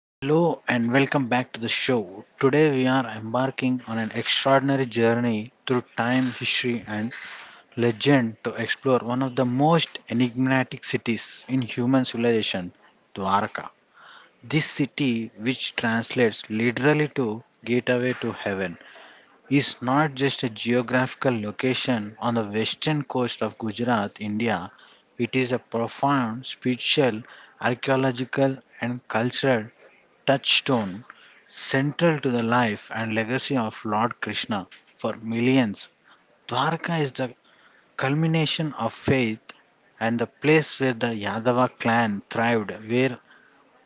Hello and welcome back to the show. Today we are embarking on an extraordinary journey through time, history, and legend to explore one of the most enigmatic cities in human civilization, Dwarka. This city, which translates literally to Gateway to Heaven, is not just a geographical location on the western coast of Gujarat, India. It is a profound spiritual, archaeological, and cultural touchstone central to the life and legacy of Lord Krishna for millions. Dwarka is the culmination of faith and the place where the Yadava clan thrived, where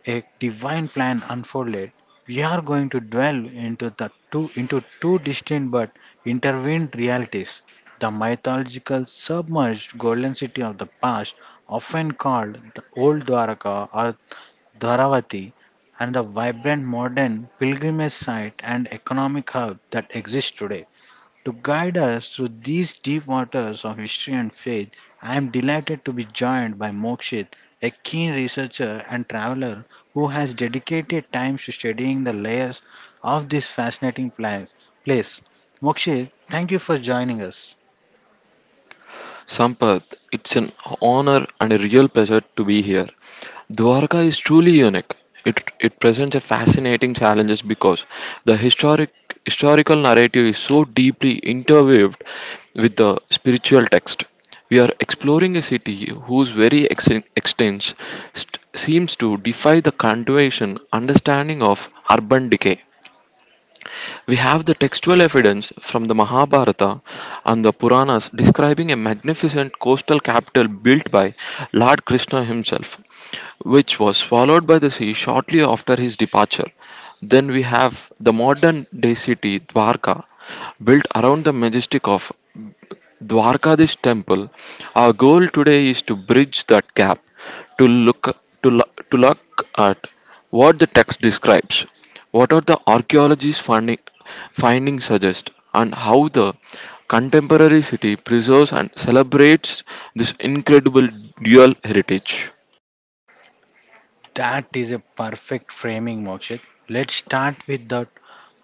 a divine plan unfolded. We are going to dwell into the two into two distinct but intertwined realities. The mythological submerged golden city of the past, often called the old Dwarka or Dwaravati, and the vibrant modern pilgrimage site and economic hub that exists today. To guide us through these deep waters of history and faith, I am delighted to be joined by Mokshit, a keen researcher and traveler who has dedicated time to studying the layers of this fascinating place. Mokshit, thank you for joining us. Sampath, it's an honor and a real pleasure to be here. Dwarka is truly unique. It presents a fascinating challenges because the historical narrative is so deeply interweaved with the spiritual text. We are exploring a city whose very extents seems to defy the convention understanding of urban decay. We have the textual evidence from the Mahabharata and the Puranas describing a magnificent coastal capital built by Lord Krishna himself, which was swallowed by the sea shortly after his departure. Then we have the modern day city Dwarka, built around the majesty of Dwarkadish temple. Our goal today is to bridge that gap, to look to look at what the text describes, what are the findings suggest, and how the contemporary city preserves and celebrates this incredible dual heritage. That is a perfect framing, Mokshit. Let's start with the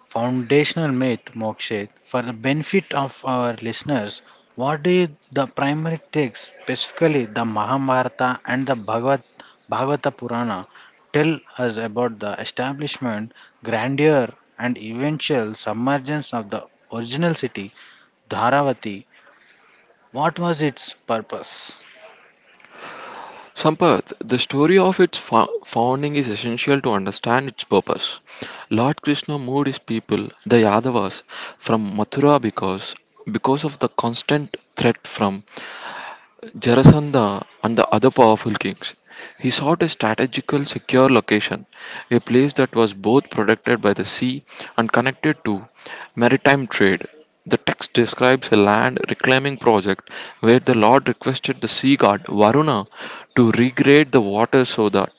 foundational myth, Mokshit. For the benefit of our listeners, what is the primary texts, specifically the Mahabharata and the Bhagavata Purana, tell us about the establishment, grandeur, and eventual submergence of the original city, Dharavati? What was its purpose? Sampath, the story of its founding is essential to understand its purpose. Lord Krishna moved his people, the Yadavas, from Mathura because of the constant threat from Jarasandha and the other powerful kings. He sought a strategical, secure location, a place that was both protected by the sea and connected to maritime trade. The text describes a land reclaiming project where the Lord requested the sea god Varuna to regrade the water so that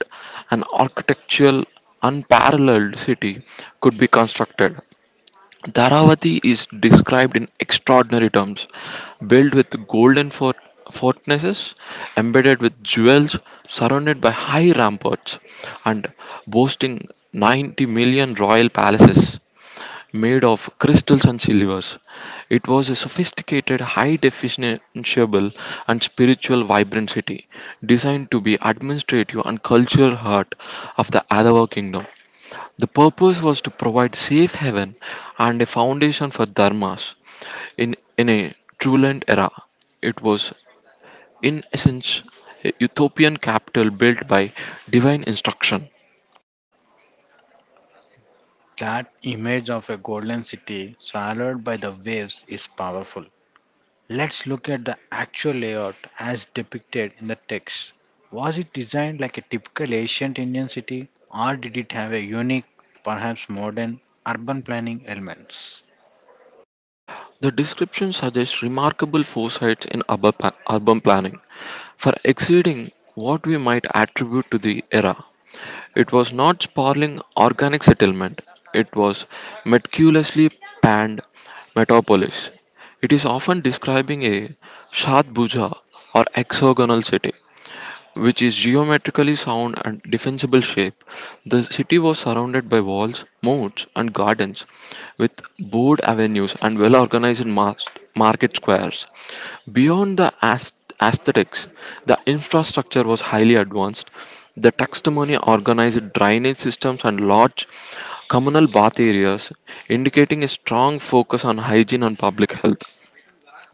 an architectural unparalleled city could be constructed. Dharavati is described in extraordinary terms, built with fortresses, embedded with jewels, surrounded by high ramparts, and boasting 90 million royal palaces made of crystals and silvers. It was a sophisticated, high definitionable, and spiritual vibrant city, designed to be administrative and cultural heart of the Adava kingdom. The purpose was to provide safe haven and a foundation for dharmas in a turbulent era. It was, in essence, a utopian capital built by divine instruction. That image of a golden city swallowed by the waves is powerful. Let's look at the actual layout as depicted in the text. Was it designed like a typical ancient Indian city, or did it have a unique, perhaps modern, urban planning elements? The description suggests remarkable foresight in urban planning for exceeding what we might attribute to the era. It was not sprawling organic settlement. It was meticulously planned metropolis. It is often describing a Shatbhuja or hexagonal city which is geometrically sound and defensible shape. The city was surrounded by walls, moats, and gardens, with broad avenues and market squares. Beyond the aesthetics, the infrastructure was highly advanced. The taxonomy organized drainage systems and large communal bath areas, indicating a strong focus on hygiene and public health.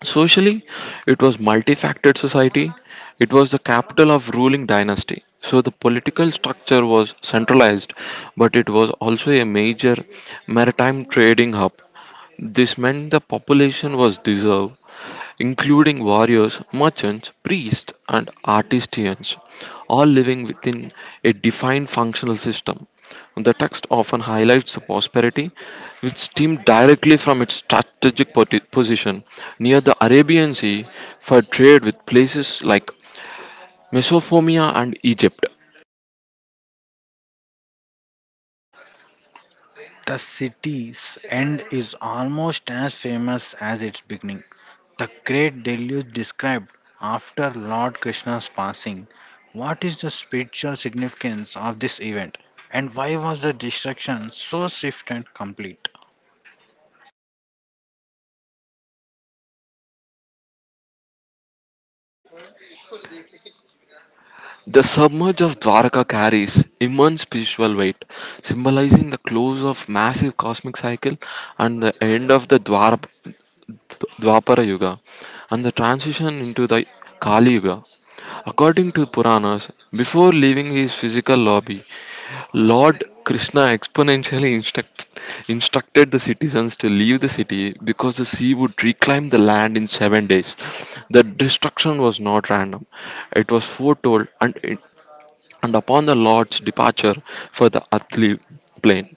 Socially, it was multifactored society. It was the capital of ruling dynasty. So the political structure was centralized, but it was also a major maritime trading hub. This meant the population was diverse including warriors, merchants, priests, and artisans, all living within a defined functional system. The text often highlights the prosperity, which stemmed directly from its position near the Arabian Sea for trade with places like Mesopotamia and Egypt. The city's end is almost as famous as its beginning. The great deluge described after Lord Krishna's passing. What is the spiritual significance of this event, and why was the destruction so swift and complete? The submerge of Dwarka carries immense spiritual weight, symbolizing the close of massive cosmic cycle and the end of the Dwapara Yuga and the transition into the Kali Yuga. According to Puranas, before leaving his physical lobby, Lord Krishna instructed the citizens to leave the city because the sea would reclaim the land in 7 days. The destruction was not random, it was foretold, and upon the Lord's departure for the earthly plane,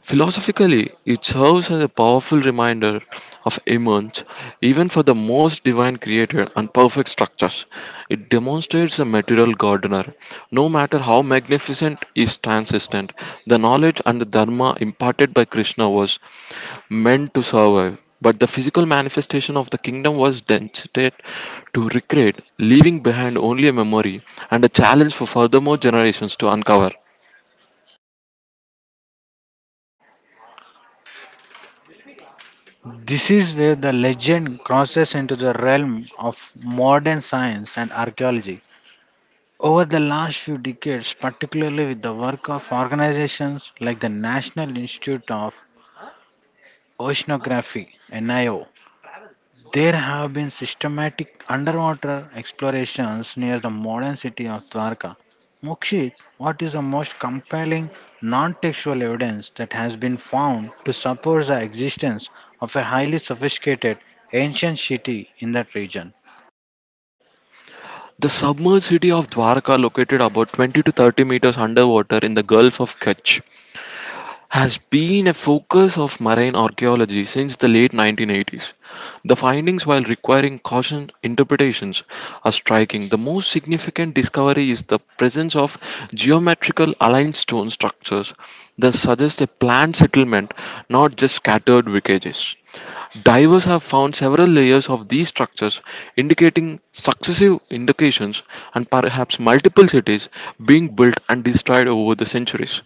philosophically, it serves as a powerful reminder of immanence, even for the most divine created and perfect structures. It demonstrates the material gardener. No matter how magnificent is transcendent, the knowledge and the dharma imparted by Krishna was meant to survive. But the physical manifestation of the kingdom was destined to recreate, leaving behind only a memory and a challenge for furthermore generations to uncover. This is where the legend crosses into the realm of modern science and archaeology. Over the last few decades, particularly with the work of organizations like the National Institute of Oceanography, NIO, there have been systematic underwater explorations near the modern city of Dwarka. Mokshit, what is the most compelling non textual evidence that has been found to support the existence of a highly sophisticated ancient city in that region? The submerged city of Dwarka, located about 20 to 30 meters underwater in the Gulf of Kutch, has been a focus of marine archaeology since the late 1980s. The findings, while requiring caution interpretations, are striking. The most significant discovery is the presence of geometrical aligned stone structures that suggest a planned settlement, not just scattered wreckages. Divers have found several layers of these structures, indicating successive indications and perhaps multiple cities being built and destroyed over the centuries.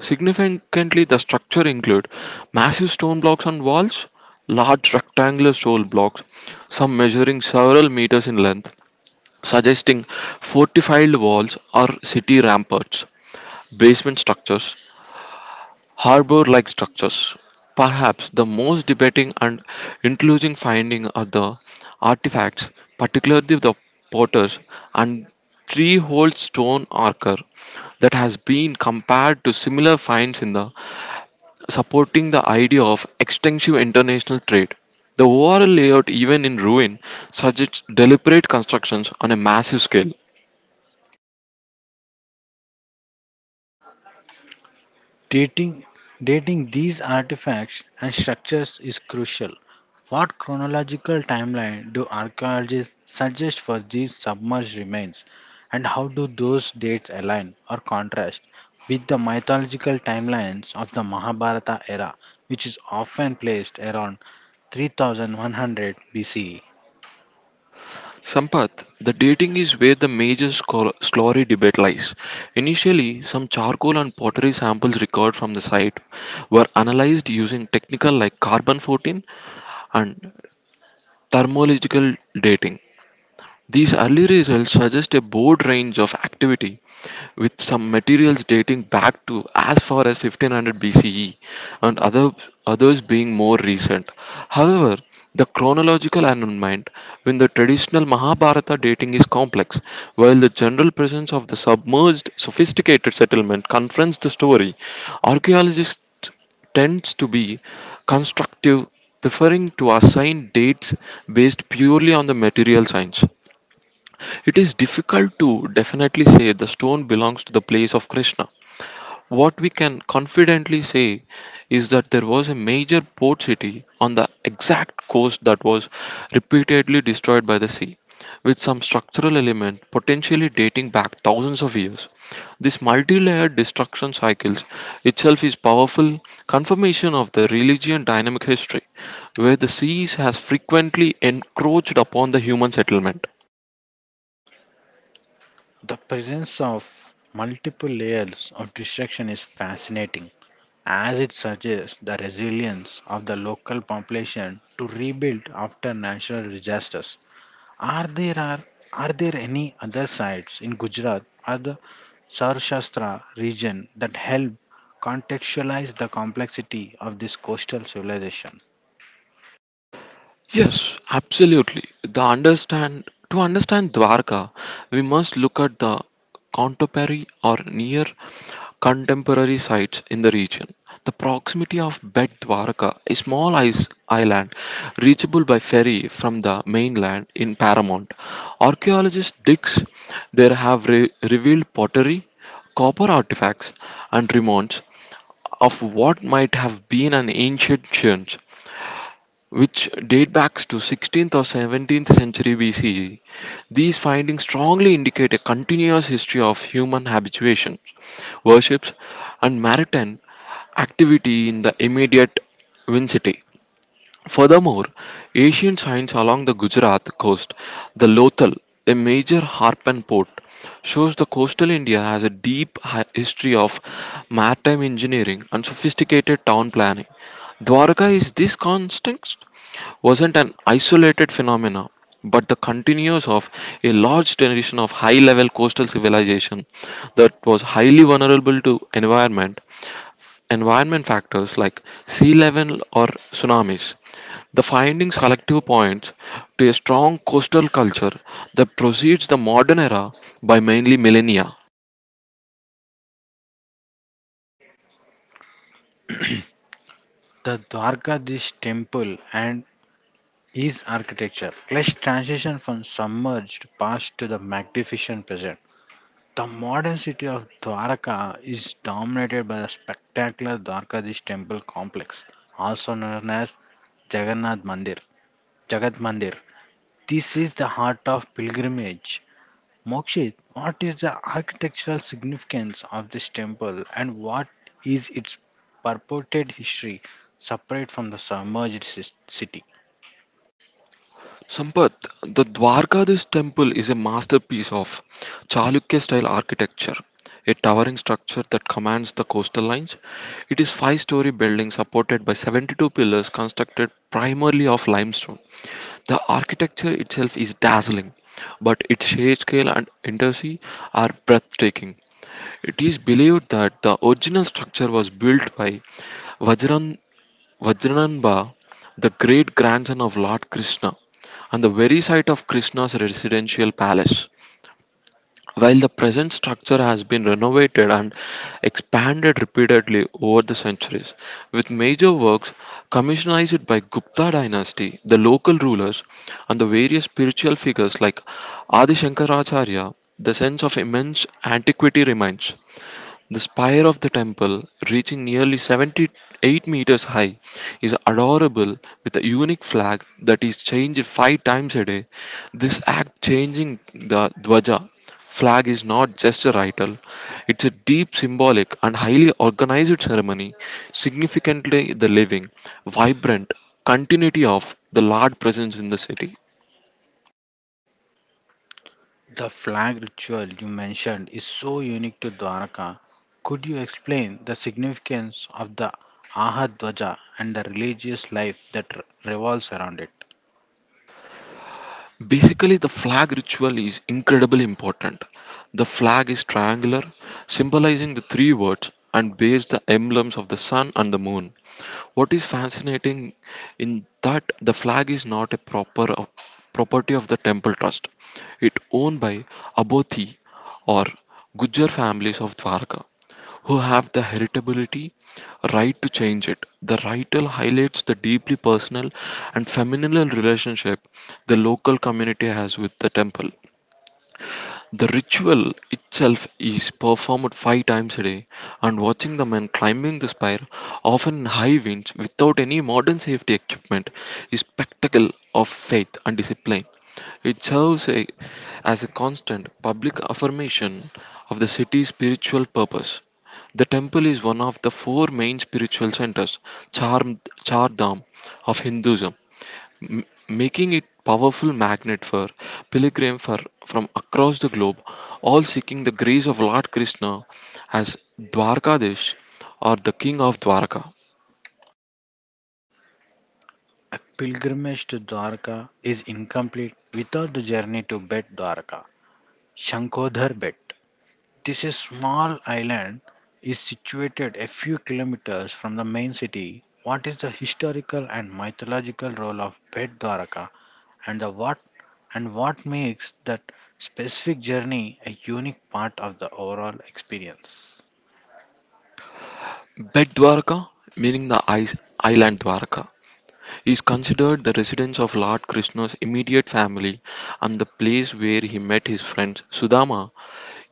Significantly, the structure include massive stone blocks on walls, large rectangular stone blocks, some measuring several meters in length, suggesting fortified walls or city ramparts, basement structures, harbor-like structures. Perhaps the most debating and intriguing finding are the artifacts, particularly the potters and three-holed stone archer that has been compared to similar finds in the supporting the idea of extensive international trade. The overall layout, even in ruin, suggests deliberate constructions on a massive scale. Dating, Dating these artifacts and structures is crucial. What chronological timeline do archaeologists suggest for these submerged remains, and how do those dates align or contrast with the mythological timelines of the Mahabharata era, which is often placed around 3100 BCE? Sampath, the dating is where the major slurry debate lies. Initially, some charcoal and pottery samples recovered from the site were analyzed using technical like carbon 14 and thermological dating. These early results suggest a broad range of activity, with some materials dating back to as far as 1500 BCE and others being more recent. However, the chronological alignment with the traditional Mahabharata dating is complex, while the general presence of the submerged, sophisticated settlement confronts the story. Archaeologists tends to be constructive, preferring to assign dates based purely on the material science. It is difficult to definitely say the stone belongs to the place of Krishna. What we can confidently say is that there was a major port city on the exact coast that was repeatedly destroyed by the sea, with some structural element potentially dating back thousands of years. This multi-layered destruction cycles itself is powerful confirmation of the religion dynamic history, where the seas has frequently encroached upon the human settlement. The presence of multiple layers of distraction is fascinating as it suggests the resilience of the local population to rebuild after natural disasters. Are there are, are there any other sites in Gujarat or the Sarshastra region that help contextualize the complexity of this coastal civilization? Yes, absolutely. The understand to understand Dwarka, we must look at the contemporary or near contemporary sites in the region. The proximity of Bed Dwarka, a small island reachable by ferry from the mainland in Paramount. Archaeologists digs there have revealed pottery, copper artifacts, and remains of what might have been an ancient church which date back to 16th or 17th century BCE. These findings strongly indicate a continuous history of human habituations, worships, and maritime activity in the immediate vicinity. Furthermore, ancient finds along the Gujarat coast, the Lothal, a major harpen port, shows the coastal India has a deep history of maritime engineering and sophisticated town planning. Dwarka is this context wasn't an isolated phenomena but the continuous of a large tradition of high level coastal civilization that was highly vulnerable to environment factors like sea level or tsunamis. The findings collectively points to a strong coastal culture that precedes the modern era by mainly millennia. The Dwarkadish temple and is architecture. Let's transition from submerged past to the magnificent present. The modern city of Dwarka is dominated by the spectacular Dwarkadish temple complex, also known as Jagannath Mandir. Jagat Mandir. This is the heart of pilgrimage. Mokshit, what is the architectural significance of this temple and what is its purported history separate from the submerged city? Sampath, the Dwarkadish temple is a masterpiece of Chalukya style architecture, a towering structure that commands the coastal lines. It is five-story building supported by 72 pillars constructed primarily of limestone. The architecture itself is dazzling, but its shade scale and intricacy are breathtaking. It is believed that the original structure was built by Vajran Vajrananba, the great grandson of Lord Krishna, and the very site of Krishna's residential palace. While the present structure has been renovated and expanded repeatedly over the centuries, with major works commissioned by Gupta dynasty, the local rulers, and the various spiritual figures like Adi Shankaracharya, the sense of immense antiquity remains. The spire of the temple, reaching nearly 78 meters high, is adorable with a unique flag that is changed 5 times a day. This act changing the Dwaja flag is not just a ritual, it's a deep symbolic and highly organized ceremony, significantly the living, vibrant continuity of the Lord presence in the city. The flag ritual you mentioned is so unique to Dwarka. Could you explain the significance of the Ahadvaja and the religious life that revolves around it? Basically, the flag ritual is incredibly important. The flag is triangular, symbolizing the three words, and bears the emblems of the sun and the moon. What is fascinating in that the flag is not a property of the temple trust. It owned by Abothi or Gujjar families of Dwarka who have the heritability right to change it. The writer highlights the deeply personal and familial relationship the local community has with the temple. The ritual itself is performed 5 times a day, and watching the men climbing the spire, often in high winds, without any modern safety equipment, is spectacle of faith and discipline. It serves a, as a constant public affirmation of the city's spiritual purpose. The temple is one of the four main spiritual centers, Char, Char Dham, of Hinduism, m- making it powerful magnet for pilgrims for, from across the globe, all seeking the grace of Lord Krishna as Dwarkadesh or the King of Dwarka. A pilgrimage to Dwarka is incomplete without the journey to Bet Dwarka, Shankodhar Bet. This is small island is situated a few kilometers from the main city. What is the historical and mythological role of Pet Dwaraka and the what and what makes that specific journey a unique part of the overall experience? Bed Dwarka, meaning the island Dwarka, is considered the residence of Lord Krishna's immediate family and the place where he met his friend Sudama.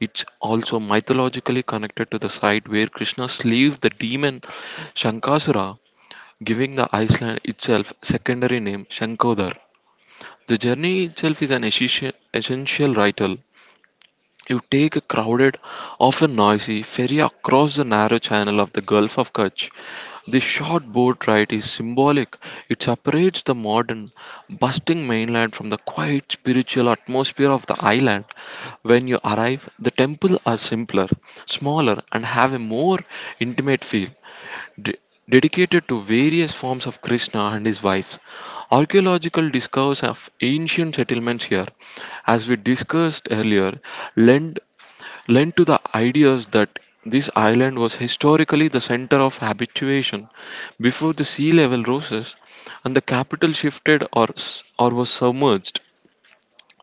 It's also mythologically connected to the site where Krishna slew the demon Shankasura, giving the island itself secondary name Shankodar. The journey itself is an essential ritual. You take a crowded, often noisy ferry across the narrow channel of the Gulf of Kutch. The short boat ride is symbolic. It separates the modern, bustling mainland from the quiet spiritual atmosphere of the island. When you arrive, the temples are simpler, smaller, and have a more intimate feel de- dedicated to various forms of Krishna and his wives. Archaeological discoveries of ancient settlements here, as we discussed earlier, lend, lend to the ideas that this island was historically the center of habituation before the sea level rose,s and the capital shifted or or was submerged.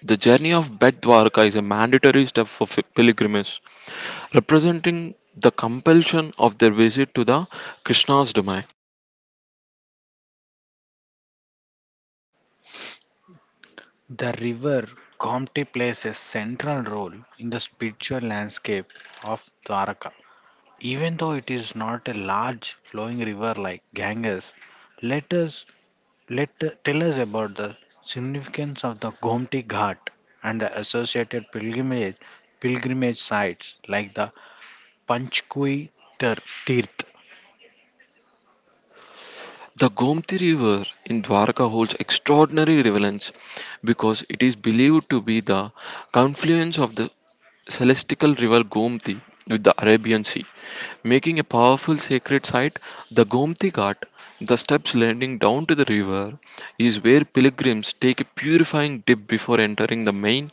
The journey of Bet Dwarka is a mandatory step for pilgrims, representing the compulsion of their visit to the Krishna's domain. The river Gomti plays a central role in the spiritual landscape of Dwaraka. Even though it is not a large flowing river like Ganges, let us Let tell us about the significance of the Gomti Ghat and the associated pilgrimage sites like the Panchkui Tir- Tirth. The Gomti River in Dwarka holds extraordinary relevance because it is believed to be the confluence of the celestial river Gomti with the Arabian Sea, making a powerful sacred site. The Gomti Ghat, the steps leading down to the river, is where pilgrims take a purifying dip before entering the main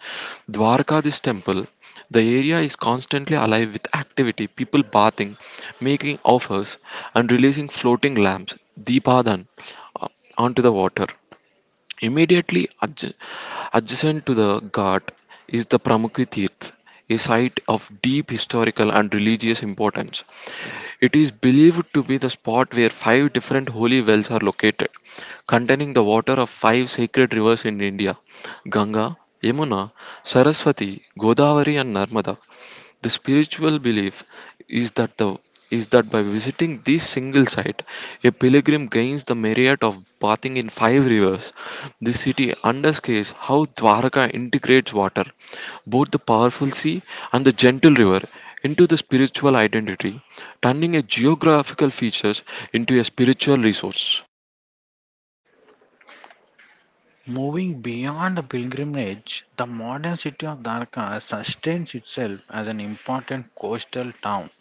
Dwarkadish temple. The area is constantly alive with activity, people bathing, making offers, and releasing floating lamps, Deepadhan, uh, onto the water. Immediately adjacent to the Ghat is the Pramukhi Tirth, a site of deep historical and religious importance. It is believed to be the spot where five different holy wells are located, containing the water of five sacred rivers in India: Ganga, Yamuna, Saraswati, Godavari, and Narmada. The spiritual belief is that the is that by visiting this single site, a pilgrim gains the merit of bathing in five rivers. This city underscores how Dwarka integrates water, both the powerful sea and the gentle river, into the spiritual identity, turning a geographical features into a spiritual resource. Moving beyond the pilgrimage, the modern city of Dwarka sustains itself as an important coastal town.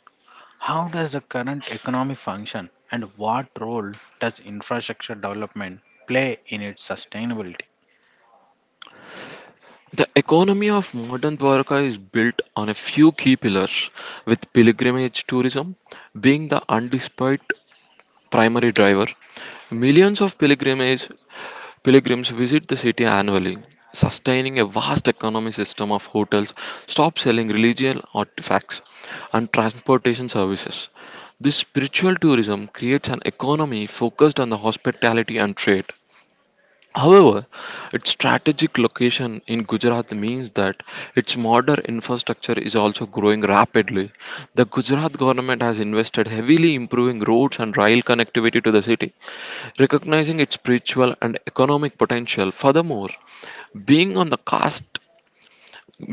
How does the current economy function and what role does infrastructure development play in its sustainability? The economy of modern Dwarka is built on a few key pillars, with pilgrimage tourism being the undisputed primary driver. Millions of pilgrimage pilgrims visit the city annually, sustaining a vast economy system of hotels, shops selling religious artifacts, and transportation services. This spiritual tourism creates an economy focused on the hospitality and trade. However, its strategic location in Gujarat means that its modern infrastructure is also growing rapidly. The Gujarat government has invested heavily improving roads and rail connectivity to the city, recognizing its spiritual and economic potential. Furthermore, being on the cusp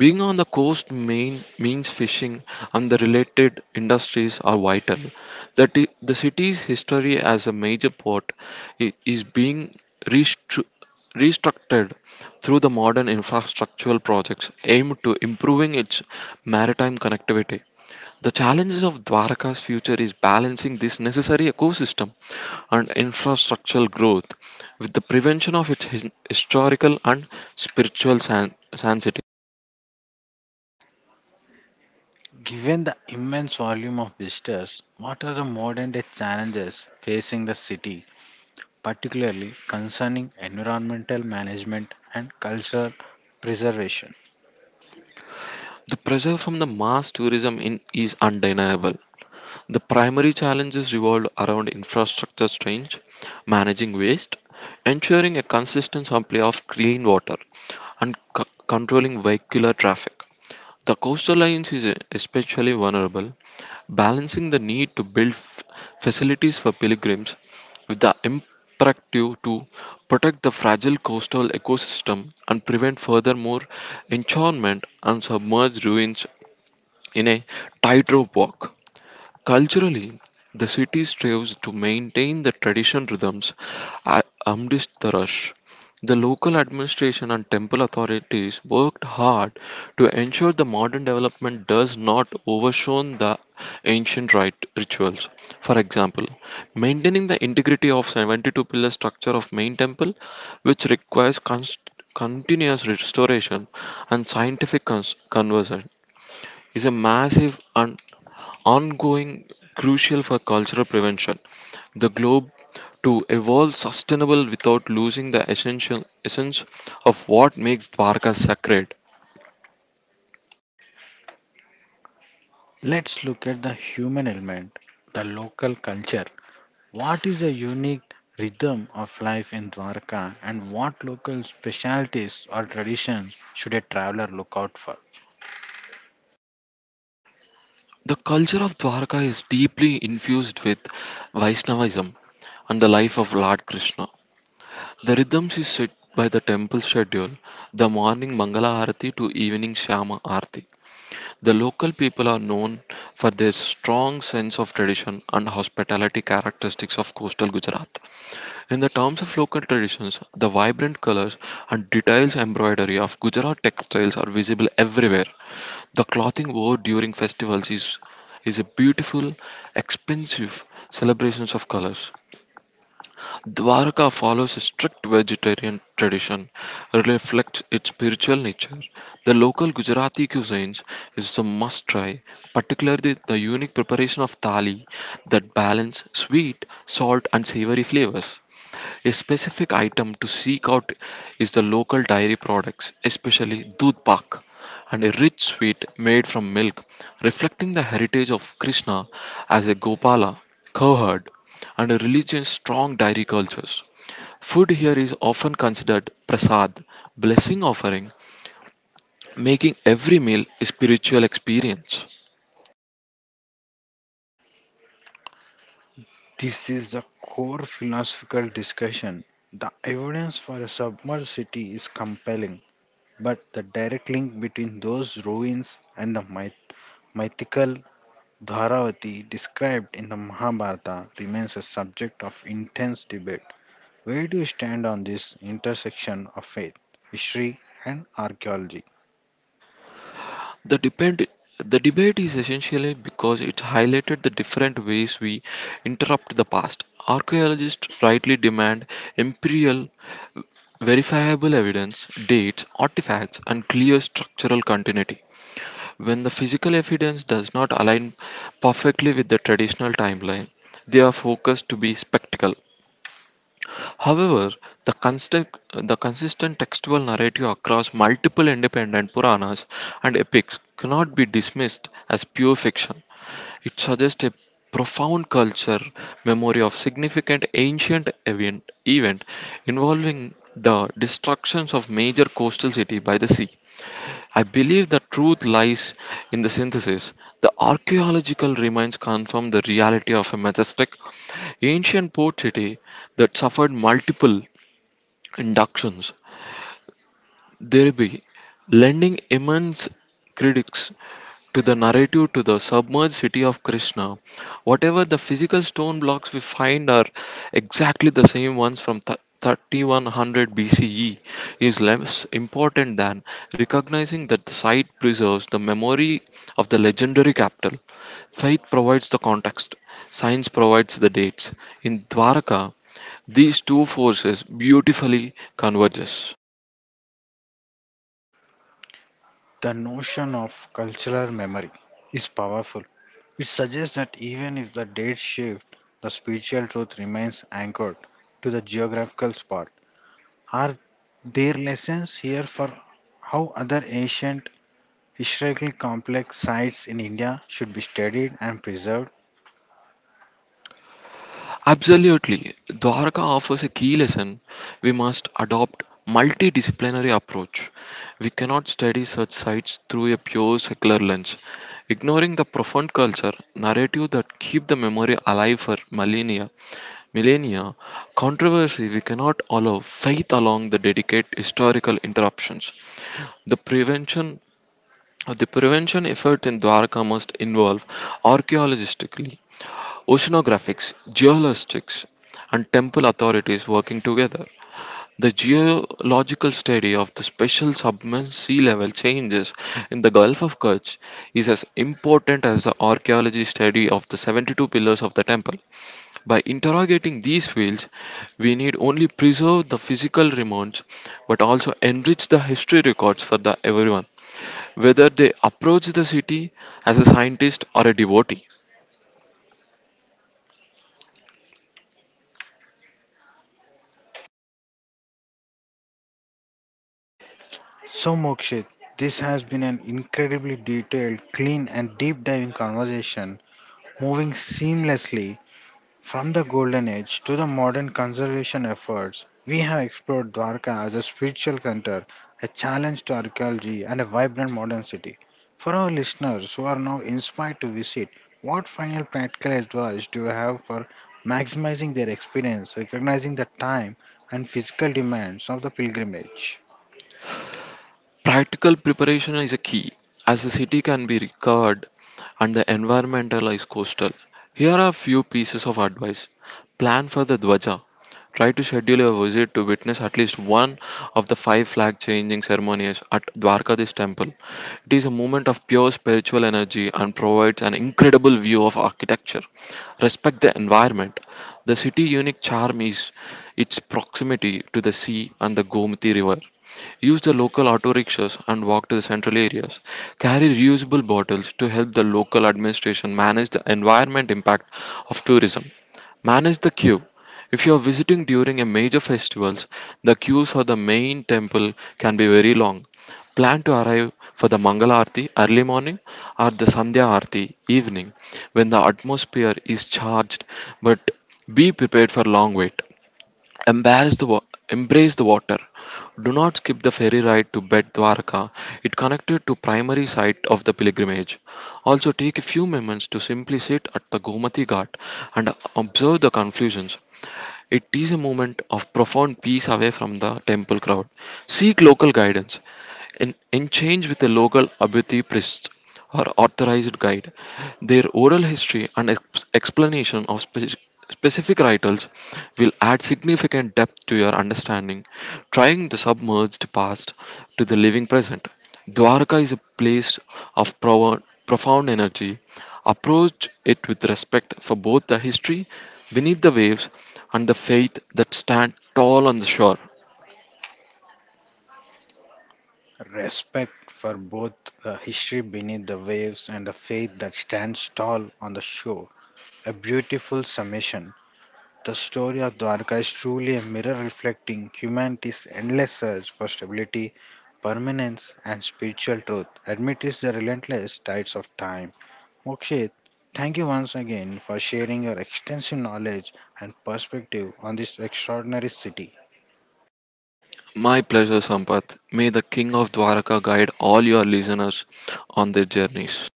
being on the coast main, means fishing and the related industries are vital. The city's history as a major port is being restru- restructured through the modern infrastructural projects aimed to improving its maritime connectivity. The challenges of Dwarka's future is balancing this necessary ecosystem and infrastructural growth with the prevention of its historical and spiritual sanctity. Given the immense volume of visitors, what are the modern day challenges facing the city, particularly concerning environmental management and cultural preservation? The pressure from the mass tourism in is undeniable. The primary challenges revolve around infrastructure change, managing waste, ensuring a consistent supply of clean water, and controlling vehicular traffic. The coastal lines is especially vulnerable, balancing the need to build facilities for pilgrims with the imperative to protect the fragile coastal ecosystem and prevent furthermore enchantment and submerged ruins in a tightrope walk. Culturally, the city strives to maintain the tradition rhythms amidst the rush. The local administration and temple authorities worked hard to ensure the modern development does not overshone the ancient rite rituals. For example, maintaining the integrity of 72 pillar structure of main temple, which requires continuous restoration and scientific conversion, is a massive and ongoing crucial for cultural prevention. The globe to evolve sustainable without losing the essential essence of what makes Dwarka sacred. Let's look at the human element, the local culture. What is the unique rhythm of life in Dwarka and what local specialties or traditions should a traveler look out for? The culture of Dwarka is deeply infused with Vaishnavism and the life of Lord Krishna. The rhythms is set by the temple schedule, the morning Mangala Arati to evening Shama Arati. The local people are known for their strong sense of tradition and hospitality characteristics of coastal Gujarat. In the terms of local traditions, the vibrant colors and details embroidery of Gujarat textiles are visible everywhere. The clothing worn during festivals is a beautiful, expensive celebrations of colors. Dwarka follows a strict vegetarian tradition, reflects its spiritual nature. The local Gujarati cuisines is a must try, particularly the unique preparation of thali that balance sweet, salt, and savory flavors. A specific item to seek out is the local dairy products, especially doodh pak, and a rich sweet made from milk, reflecting the heritage of Krishna as a Gopala, cowherd, and a religion's strong dairy cultures. Food here is often considered prasad, blessing offering, making every meal a spiritual experience. This is the core philosophical discussion. The evidence for a submerged city is compelling, but the direct link between those ruins and the mythical Dharavati described in the Mahabharata remains a subject of intense debate. Where do you stand on this intersection of faith, history, and archaeology? The depend the debate is essentially because it highlighted the different ways we interrupt the past. Archaeologists rightly demand imperial verifiable evidence, dates, artifacts, and clear structural continuity. When the physical evidence does not align perfectly with the traditional timeline, they are focused to be spectacle. However, the, constant, the consistent textual narrative across multiple independent Puranas and epics cannot be dismissed as pure fiction. It suggests a profound culture memory of significant ancient event involving the destructions of major coastal city by the sea. I believe the truth lies in the synthesis. The archaeological remains confirm the reality of a majestic ancient port city that suffered multiple inductions, thereby lending immense critics to the narrative to the submerged city of Krishna. Whatever the physical stone blocks we find are exactly the same ones from 3100 BCE is less important than recognizing that the site preserves the memory of the legendary capital. Faith provides the context, science provides the dates. In Dwaraka, these two forces beautifully converges. The notion of cultural memory is powerful. It suggests that even if the dates shift, the spiritual truth remains anchored to the geographical spot. Are there lessons here for how other ancient, historically complex sites in India should be studied and preserved? Absolutely. Dwarka offers a key lesson. We must adopt multidisciplinary approach. We cannot study such sites through a pure secular lens, ignoring the profound culture narrative that keep the memory alive for millennia. Millennia controversy we cannot allow faith along the dedicate historical interruptions. The prevention the prevention effort in Dwarka must involve archaeologically oceanographics, geologists, and temple authorities working together. The geological study of the special submerged sea level changes in the Gulf of Kerch is as important as the archaeology study of the 72 pillars of the temple. By interrogating these fields, we need only preserve the physical remains but also enrich the history records for the everyone, whether they approach the city as a scientist or a devotee. So, Mokshit, this has been an incredibly detailed, clean, and deep diving conversation, moving seamlessly from the Golden Age to the modern conservation efforts. We have explored Dwarka as a spiritual center, a challenge to archaeology, and a vibrant modern city. For our listeners who are now inspired to visit, what final practical advice do you have for maximizing their experience, recognizing the time and physical demands of the pilgrimage? Practical preparation is a key, as the city can be recovered and the environmental is coastal. Here are a few pieces of advice. Plan for the Dwaja. Try to schedule a visit to witness at least one of the five flag changing ceremonies at Dwarkadish temple. It is a moment of pure spiritual energy and provides an incredible view of architecture. Respect the environment. The city's unique charm is its proximity to the sea and the Gomti River. Use the local auto rickshaws and walk to the central areas. Carry reusable bottles to help the local administration manage the environment impact of tourism. Manage the queue. If you are visiting during a major festivals, the queues for the main temple can be very long. Plan to arrive for the Mangala Aarti early morning or the Sandhya Aarti evening when the atmosphere is charged, but be prepared for long wait. Embrace the wa- Embrace the water. Do not skip the ferry ride to Bet Dwarka. It connected to primary site of the pilgrimage. Also take a few moments to simply sit at the Gomati Ghat and observe the confusions. It is a moment of profound peace away from the temple crowd. Seek local guidance. In change with a local Abhyuti priest or authorized guide, their oral history and explanation of specific rituals will add significant depth to your understanding, trying the submerged past to the living present. Dwarka is a place of profound energy. Approach it with respect for both the history beneath the waves and the faith that stand tall on the shore. Respect for both the history beneath the waves and the faith that stands tall on the shore. A beautiful summation. The story of Dwarka is truly a mirror reflecting humanity's endless search for stability, permanence, and spiritual truth amidst the relentless tides of time. Mokshit, thank you once again for sharing your extensive knowledge and perspective on this extraordinary city. My pleasure, Sampath. May the King of Dwarka guide all your listeners on their journeys.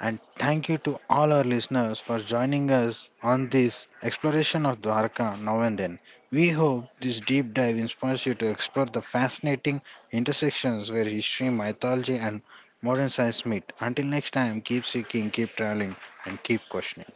And thank you to all our listeners for joining us on this exploration of Dwarka now and then. We hope this deep dive inspires you to explore the fascinating intersections where history, mythology, and modern science meet. Until next time, keep seeking, keep traveling, and keep questioning.